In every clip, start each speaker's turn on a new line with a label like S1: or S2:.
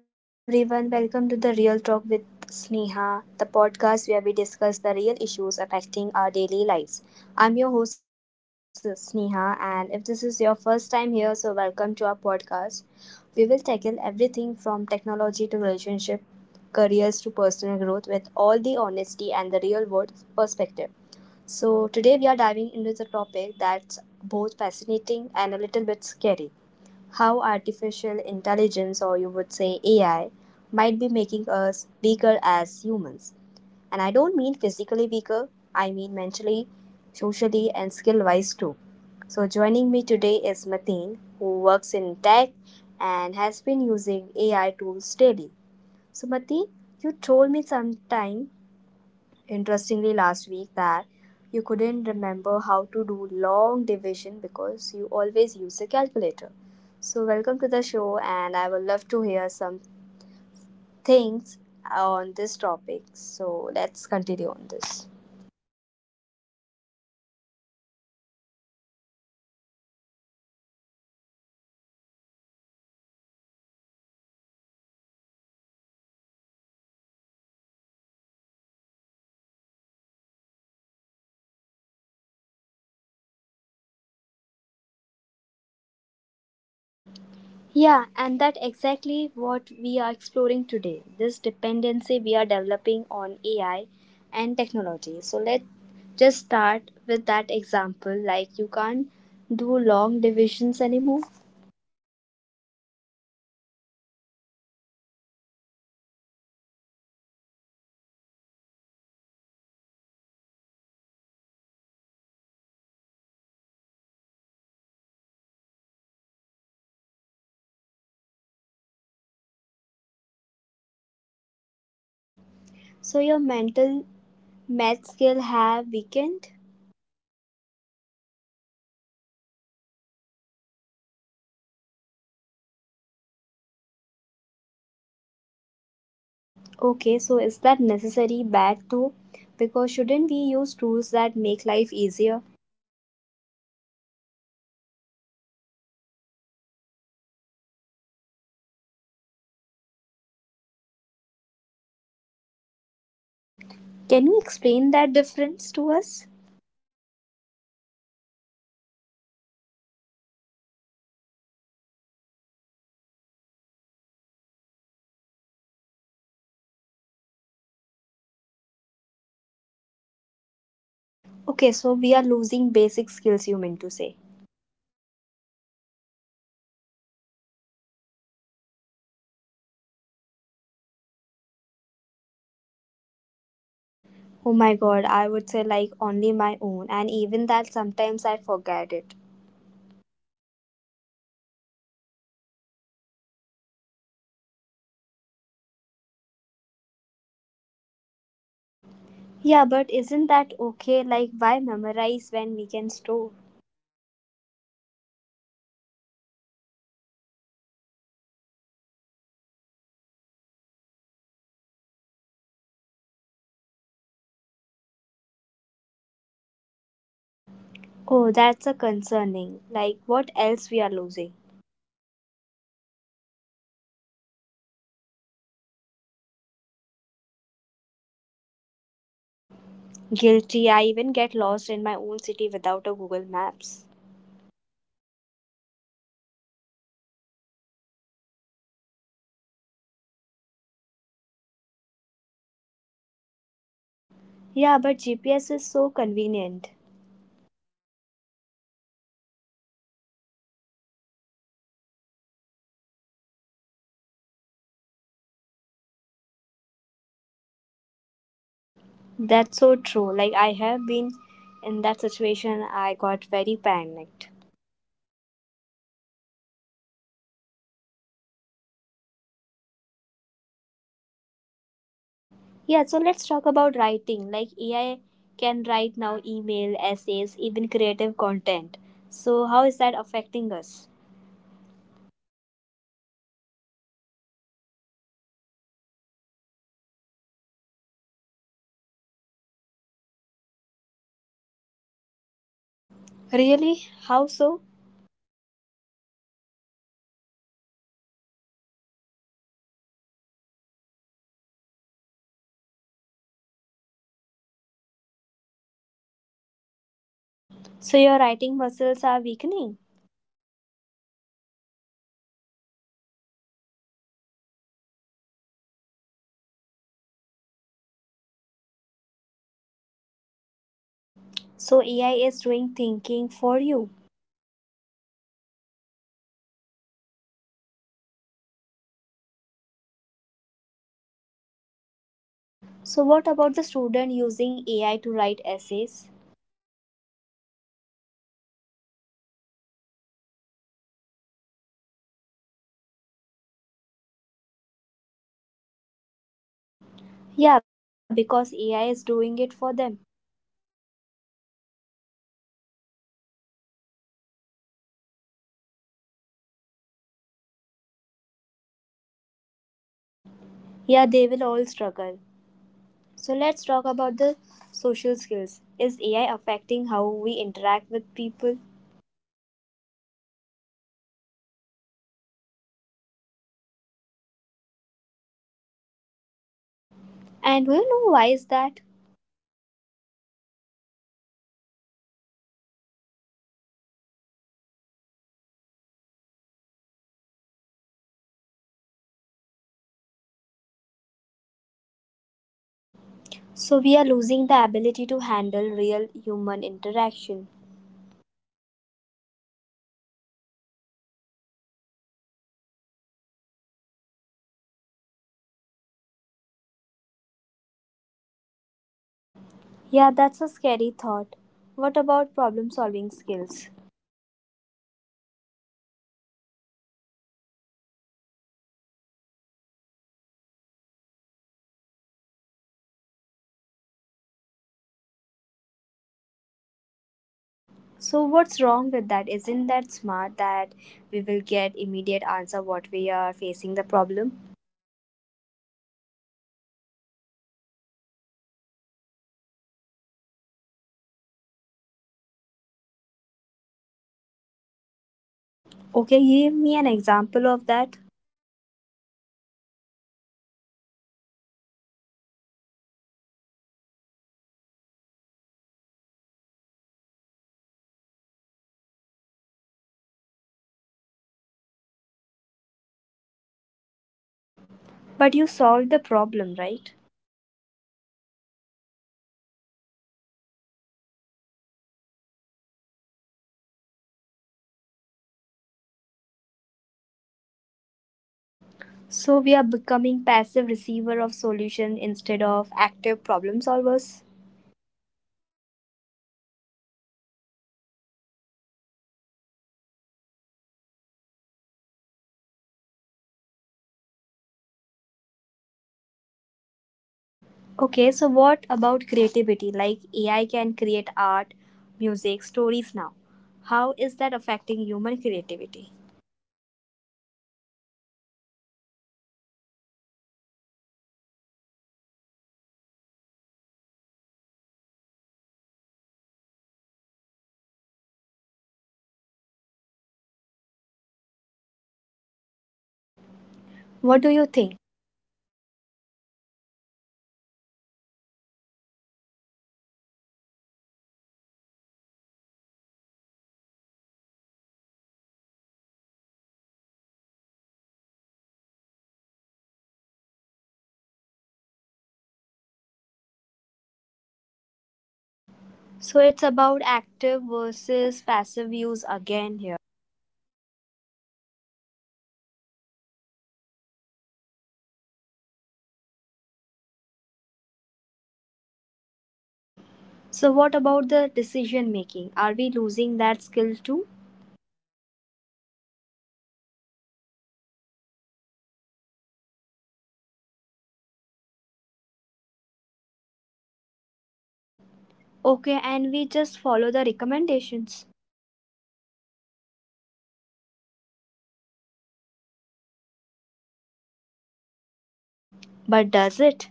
S1: Hey everyone, welcome to the Real Talk with Sneha, the podcast where we discuss the real issues affecting our daily lives. I'm your host Sneha, and if this is your first time here, welcome to our podcast. We will tackle everything from technology to relationship, careers to personal growth with all the honesty and the real world perspective. So today we are diving into the topic that's both fascinating and a little bit scary: how artificial intelligence, or you would say AI, might be making us weaker as humans. And I don't mean physically weaker, I mean mentally, socially, and skill wise too. So joining me today is Mateen, who works in tech and has been using AI tools daily. So, Mateen, you told me sometime interestingly last week that you couldn't remember how to do long division because you always use a calculator. So welcome to the show, and I would love to hear some things on this topic. So let's continue on this.
S2: Hi Sneha, hello everyone. Yes, as you mentioned that the AI making us, kind of weak, and that is embarrassing. But true, I realize I've become completely dependent on my phone's calculator for even a simple math.
S1: Yeah, and that exactly what we are exploring today. This dependency we are developing on AI and technology. So let's just start with that example, like you can't do long divisions anymore.
S2: Yes, definitely. So I can, but it takes me forever, and my first instinct is always to reach for my phone. Even for a simple calculations like splitting a bill, I pull out the calculator app.
S1: So your mental math skill have weakened?
S2: Definitely, and I'm not alone. Most people of my age are the same. We outsource basic math to device.
S1: Okay, so is that necessary bad though? Because shouldn't we use tools that make life easier?
S2: That's the debate, right? Yes, tools are helpful, but there is a difference between using tools and becoming dependent on them.
S1: Can you explain that difference to us?
S2: Yes, why not? Like using a calculator for, complex calculations is smart, but not being able to calculate 15% tip without a phone. That's dependency.
S1: Okay, so we are losing basic skills, you mean to say.
S2: Yes, we are. And it is not just math. It, let's talk about memory. Do you remember phone's number anymore?
S1: Oh my god, I would say like only my own, and even that sometimes I forget it.
S2: Exactly. Our parents could remember dozens of phone numbers. We cannot remember even five because our phones store everything.
S1: Yeah, but isn't that okay? Like, why memorize when we can store?
S2: Because memory is a muscle. When we don't use it, it weakness. There the study showing the people memory abilities are declining because we rely on devices,
S1: Oh, that's a concerning. Like, what else we are losing?
S2: like part navigation skills. Nobody can read a map anymore. We just follow Google Maps blindly.
S1: Guilty. I even get lost in my own city without a Google Maps.
S2: Right, we lost the ability to orient ourselves, to pay attention to landmarks, or to remember routes.
S1: Yeah, but GPS is so convenient.
S2: Yes, I'm not, disagree with that. It is, but what, happens when your phone dies or you have no internet, you are helpless.
S1: That's so true. Like, I have been in that situation, I got very panicked.
S2: Because we become dependent. We have not just gained a tool, we lost skill.
S1: Yeah, so let's talk about writing. Like, AI can write now email, essays, even creative content. So, how is that affecting us?
S2: Oh, this is the big one. I've started noticing my own writing has gotten worse since I started using AI, writing assistant.
S1: Really? How so?
S2: I rely on them to phrase things, to fix grammar, to structure sentence. So I'm not practicing those skill myself anymore, and it's getting me weaker, weaker, weaker by weaker, day by day.
S1: So your writing muscles are weakening.
S2: Exactly, and it's not just writing quality. It's thinking. When AI suggests what to write, I'm not thinking as deeply about what I want to say.
S1: So AI is doing thinking for you.
S2: In a way, yes, and that the dangerous. Critical thinking is something we need to practice.
S1: So what about the student using AI to write essays?
S2: That's even more concerning for now. Students are getting degrees without actually learning to write, research, or think critically.
S1: Yeah, because AI is doing it for them.
S2: Yes, and they are not developing those essential skills. What happens when they enter the workforce and actually need to think for themselves?
S1: Yeah, they will all struggle. So let's talk about the social skills. Is AI affecting how we interact with people?
S2: Massively, people are more comfortable talking to AI chatbots than to actual humans now.
S1: And do you know why is that?
S2: Because the reason behind it, because AI does not judge, does not get upset, always respond perfectly. Real human are messy, emotional and unpredictable.
S1: So we are losing the ability to handle real human interaction.
S2: I think so. We are losing patience for human imperfection. We expect everyone to be, as efficient and agreeable as AI.
S1: Yeah, that's a scary thought. What about problem solving skills?
S2: Oh, definitely declining. Any problem we face, we immediately Google it or ask, kind of AI that we have.
S1: So what's wrong with that? Isn't that smart that we will get immediate answer what we are facing the problem?
S2: Again, there is a balance. You know, Looking up information is fine, but we are not even trying to figure things out ourselves first anymore.
S1: Okay, give me an example of that.
S2: Okay, so let's talk about if my phone stopped charging. Instead of checking the cables, the port, trying different outlets, basic troubleshootings. I immediately Google phone not charging and follow instruction without thinking.
S1: But you solved the problem, right?
S2: I did, but I did not engage my brain. I just follow steps like a robot. I did not learn anything or develop my problem solving skills.
S1: So we are becoming passive receiver of solution instead of active problem solvers.
S2: Exactly. And that's making us weaker mentally, and our ability to think through problems independently is declining.
S1: Okay,
S2: Okay, so
S1: so
S2: what
S1: what
S2: about
S1: about creativity? Like AI can create art, music, stories now. How is that affecting human creativity?
S2: you know, this is the controversial. Some say AI enhance creativity by giving us tool, others say it's killing creativity. What do
S1: What
S2: you
S1: do you
S2: think?
S1: think?
S2: I think it's depend on how it's used. If you use AI as a straight point and then add your own creativity. Great, but if you just let AI create your claim, it is Azure, you are not being creative at all,
S1: So it's about active versus passive use again here.
S2: Yes. Are you engaging your own creativity or just consuming AI output?
S1: So what about the decision making? Are we losing that skill too?
S2: Absolutely, Sneha. AI recommendations are everywhere: what to watch, what to buy, where to eat, what to date.
S1: Okay, and we just follow the recommendations.
S2: Most people do. We have stopped trusting our own judgments. The algorithm knows better, right?
S1: But does it?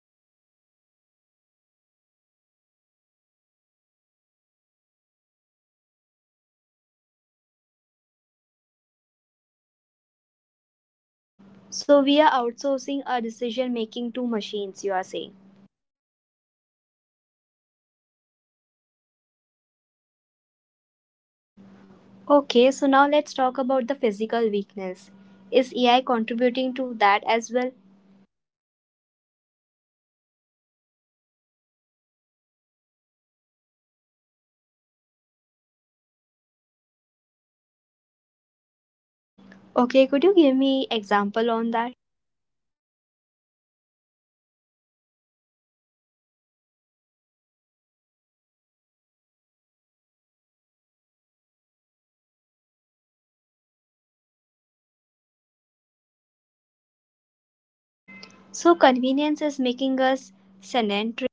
S2: Not always. It knows what popular or what match your past behavior, but it does not know what your actually needs or what's good for you.
S1: So we are outsourcing our decision making to machines, you are saying.
S2: We are, and that makes us weaker as independent thinker.
S1: Okay, so now let's talk about the physical weakness. Is AI contributing to that as well?
S2: Indirectly, yes, more time on device means like less physical activity. AI is making everything so convenient that we barely need to move.
S1: Okay, could you give me example on that?
S2: Yes, I have lots of example to share with you guys. It's like shopping online instead of walking to store. Voice assistance, so you don't even have to get up to turn on lights. Food delivery instead of cooking.
S1: So convenience is making us sedentary.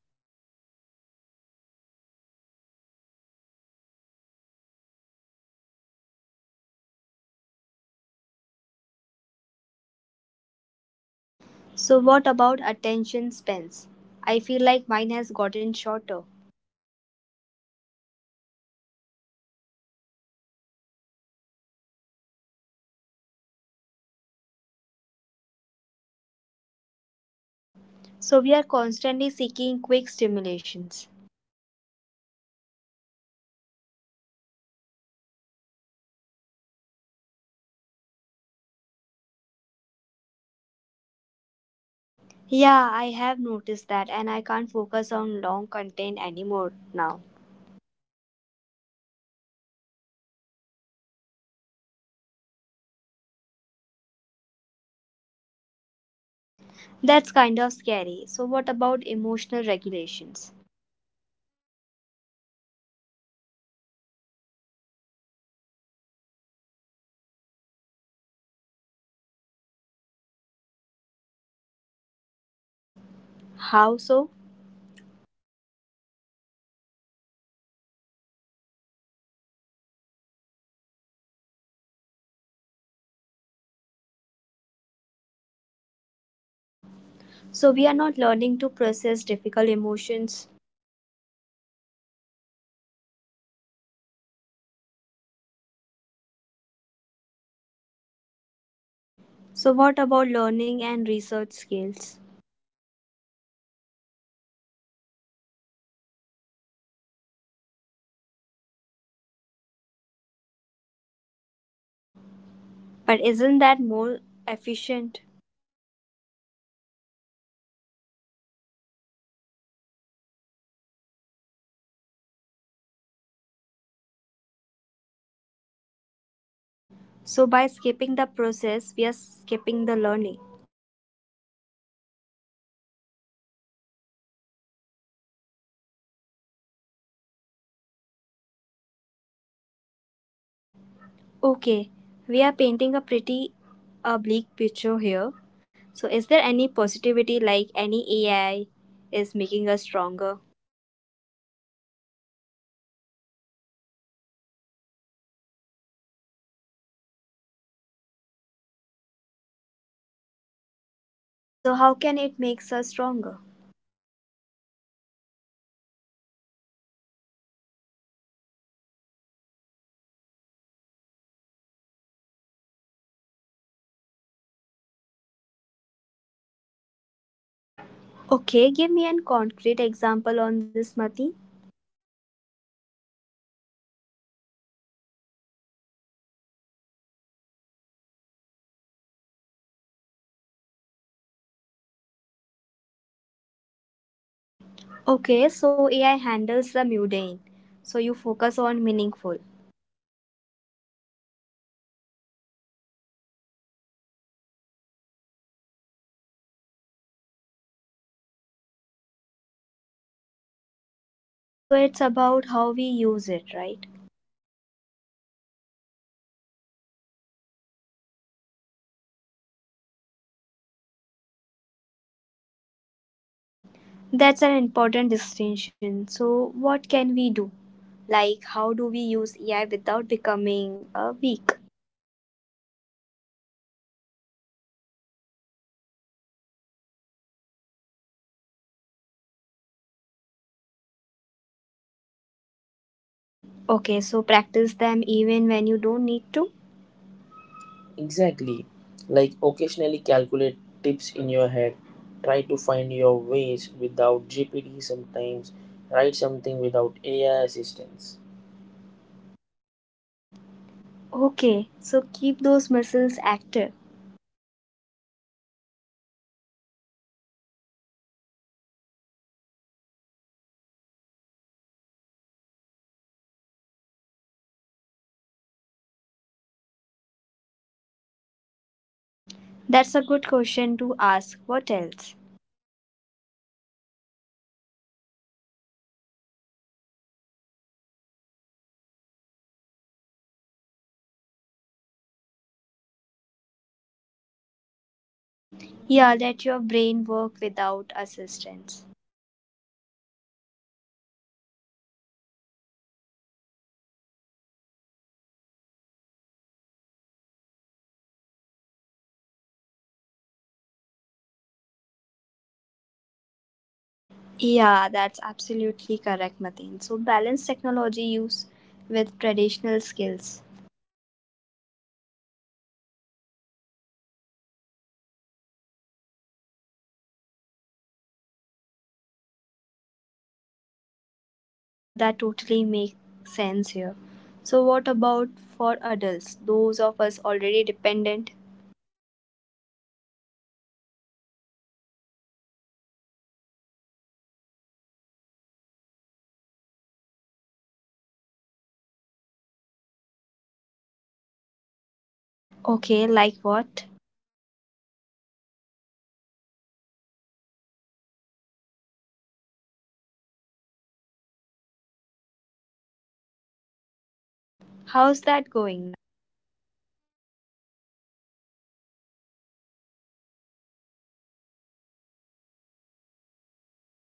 S2: Exactly, and AI is making everything more convenient, which is great, but it also contributing, physical weakness and health issues.
S1: So what about attention spans? I feel like mine has gotten shorter.
S2: Sneha, you are not alone in this. AI drive, driven content is designed to capture attention in second. If it does not, we scroll.
S1: So we are constantly seeking quick stimulations.
S2: Yes, and our brains are rewiring for short, short burst of attention. Reading a long article or book become harder now.
S1: Yeah, I have noticed that, and I can't focus on long content anymore now.
S2: That's a AI algorithm training you. They reward short attention span with constant new content.
S1: That's kind of scary. So what about emotional regulations?
S2: Another big one. AI give us instant gratification. We are losing with ability to delay gratifications or sit with discomfort.
S1: How so?
S2: You know, bore AI internet entertainment is one click away. Lonely AI chatbot, uncomfortable emotions, distraction is immediate.
S1: So we are not learning to process difficult emotions.
S2: Exactly. We are avoiding instead of dealing that make us emotionally weaker.
S1: So what about learning and research skills?
S2: You know, declining rapidly. Why spend hours researching when AI can summarize everything in second?
S1: But isn't that more efficient?
S2: It is, but the process of researching, finding resource, evaluating, the sanitizing information, that's where learning happens.
S1: So by skipping the process, we are skipping the learning.
S2: Exactly, we get the answer, but we don't, did not develop the research skills or the deep understanding.
S1: Okay, we are painting a pretty bleak picture here. So is there any positivity, like any AI is making us stronger?
S2: Of course, AI is a tool, and like any tool, it can be used well or poorly.
S1: So how can it makes us stronger?
S2: We, when used to enhance our abilities, not replace them, like using AI to help with tasks, so we have more time for creative or strategy thinking.
S1: Okay, give me an concrete example on this, Mati.
S2: Okay, so using AI to handle routine emails free up times to work on complex project that requires human creativity and judgment.
S1: Okay, so AI handles the mundane. So you focus on meaningful.
S2: Exactly. That's empowering, not weakening. That problem is when you use AI as a replacement of thinking, not supplement.
S1: So it's about how we use it, right?
S2: Completely. AI is not, inherently making us weak. We are choosing to become dependent on it.
S1: That's an important distinction. So what can we do? Like, how do we use AI without becoming weak?
S2: I would recommend first maintain basic line skills. Don't completely outsource basis abilities like math, writing, navigation.
S1: Okay, so practice them even when you don't need to. Exactly.
S2: Exactly.
S1: Like
S2: Like
S1: occasionally
S2: occasionally calculate
S1: calculate
S2: tips
S1: tips
S2: in
S1: in
S2: your
S1: your head,
S2: head.
S1: try
S2: Try
S1: to
S2: to
S1: find
S2: find
S1: your
S2: your
S1: ways
S2: ways without
S1: without
S2: GPT
S1: GPT
S2: sometimes.
S1: sometimes, write
S2: Write something
S1: something without
S2: without AI
S1: AI
S2: assistance.
S1: assistance. Okay, so keep those muscles active.
S2: Yes. And what else, being, intentional about AI use? Ask yourself, am I using this to enhance my abilities or replace them?
S1: That's a good question to ask. What else?
S2: Take regular digital, detox, spend time without AI or device. Remember what it's like to be bored, to figure things out yourself, to think deeply about it.
S1: Yeah, let your brain work without assistance.
S2: Exactly. Also, take these skills to the next generation. Don't let kids grow up completely depend on AI. That's gonna very harmful for them if they're gonna use it in a wrong way.
S1: Yeah, that's absolutely correct, Mateen. So balance technology use with traditional skills.
S2: Yes, let them use calculator, but also make sure they can do math. Let them use GPS, but also teach them to read maps.
S1: Yeah, that totally makes sense here. So what about for adults, those of us already dependent?
S2: I mean to say it's never too late. uh, Start small, pick one area where you can, become too dependent, and practice that skills.
S1: Okay, like what?
S2: Like I'm working on my memory. I'm trying to memorize important phone numbers again, to remember people's birthday without, you know reminders.
S1: How's that going now?
S2: But I can already feel my memory improving. Use it or lose it is real.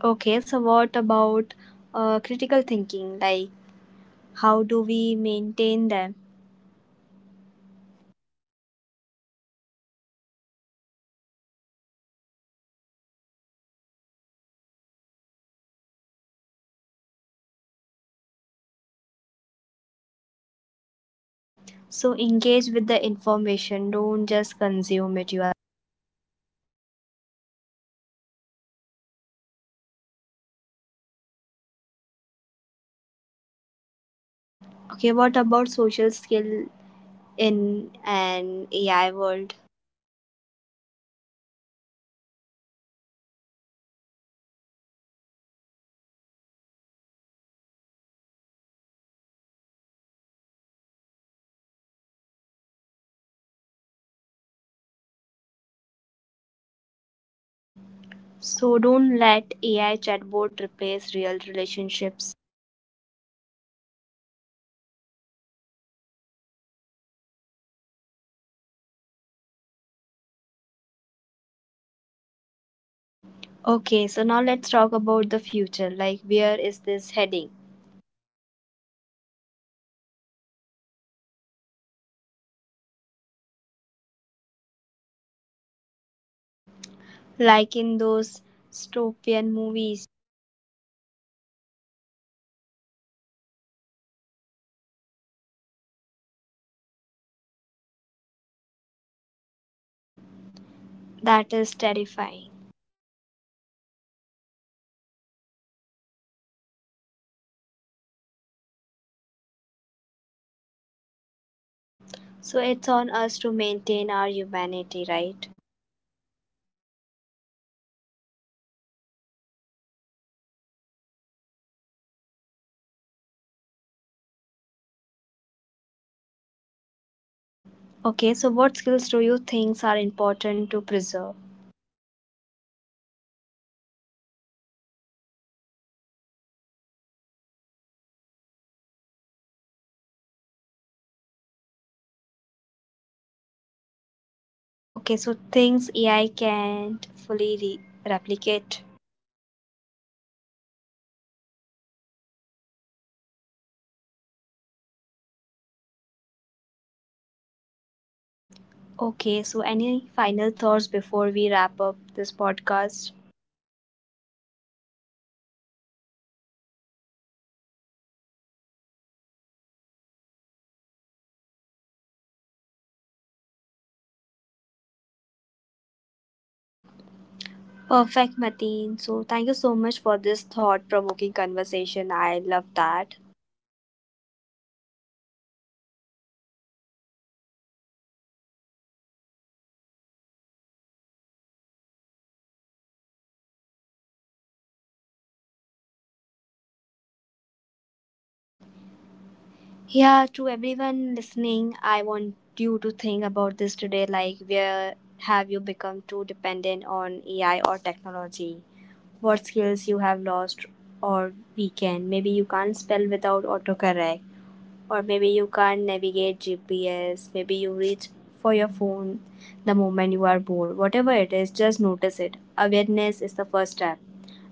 S1: Okay, so what about critical thinking? Like, how do we maintain them?
S2: Um, I would say questioning AI outputs. Don't just accept with ChatGPT. Maybe ChatGPT tell you verify thing critically from your own opinion.
S1: So engage with the information, don't just consume it, you are saying.
S2: Exactly. AI can be wrong, based or incomplete. Your critical thinking is still needed.
S1: Okay, what about social skill in an AI world?
S2: Uh, I mean to say, prioritize human interaction. Make time for face-to-face conversation. Practice dealing with and awkwardness, disagreement, real human messiness.
S1: So don't let AI chatbot replace real relationships.
S2: Never ever. I mean to say, and I would love to say, AI can supplement but never replace human connection.
S1: Okay, so now let's talk about the future. Like, where is this heading?
S2: If we are not careful, we could become completely dependent on AI for basic functioning things.
S1: Like in those dystopian movies,
S2: Maybe not that extreme, but yes, human won't can't think dedicated and or function without AI assistance.
S1: that is terrifying.
S2: It is, but it's not, inventable. We have a choice in how we integrate AI into our life.
S1: So it's on us to maintain our humanity, right?
S2: Exactly. AI will keep advancing. We need to, conscious decisions about what skills we want to preserve and what we can use.
S1: Okay, so what skills do you think are important to preserve?
S2: I mean, critical thinking, creative emotional intelligence, problem solving, human connection, the things that make us unique human.
S1: Okay, so things AI can't fully replicate.
S2: Exactly. Those are our, our strengths. We should not let them trophy.
S1: Okay, so any final thoughts before we wrap up this podcast?
S2: Yes, I would say AI is a powerful tool, but we are still the user. Don't let tool use you. Stay in your control or your own development and abilities.
S1: Perfect, Mateen. So thank you so much for this thought provoking conversation. I love that.
S2: Thank you, Sneha. This was important to discuss, and I and very feeling good to share the experience about this. And thank you for giving me opportunity to speak here.
S1: Yeah, to everyone listening, I want you to think about this today, like, where have you become too dependent on AI or technology? What skills you have lost or weakened? Maybe you can't spell without autocorrect, or maybe you can't navigate GPS, maybe you reach for your phone the moment you are bored. Whatever it is, just notice it. Awareness is the first step.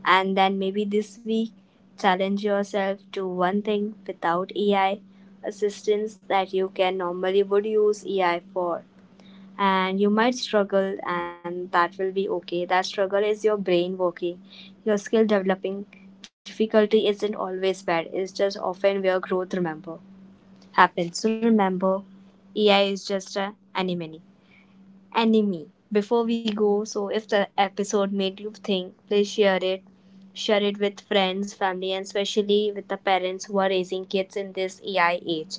S1: And then maybe this week, challenge yourself to one thing without AI assistance that you can normally would use AI for. And you might struggle, and that will be okay. That struggle is your brain working, your skill developing. Difficulty isn't always bad, it's just often where growth remember happens. So remember, AI is just a enemy. Enemy. Before we go, so if the episode made you think, please share it. Share it with friends, family, and especially with the parents who are raising kids in this AI age.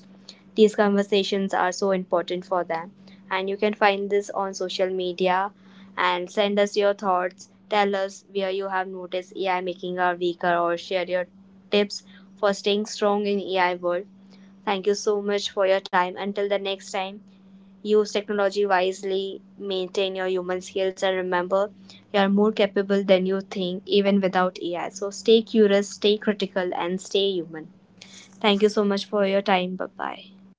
S1: These conversations are so important for them. And you can find this on social media and send us your thoughts. Tell us where you have noticed AI making our weaker or share your tips for staying strong in AI world. Thank you so much for your time. Until the next time, use technology wisely, maintain your human skills, and remember you are more capable than you think, even without AI. So stay curious, stay critical, and stay human. Thank you so much for your time. Bye bye.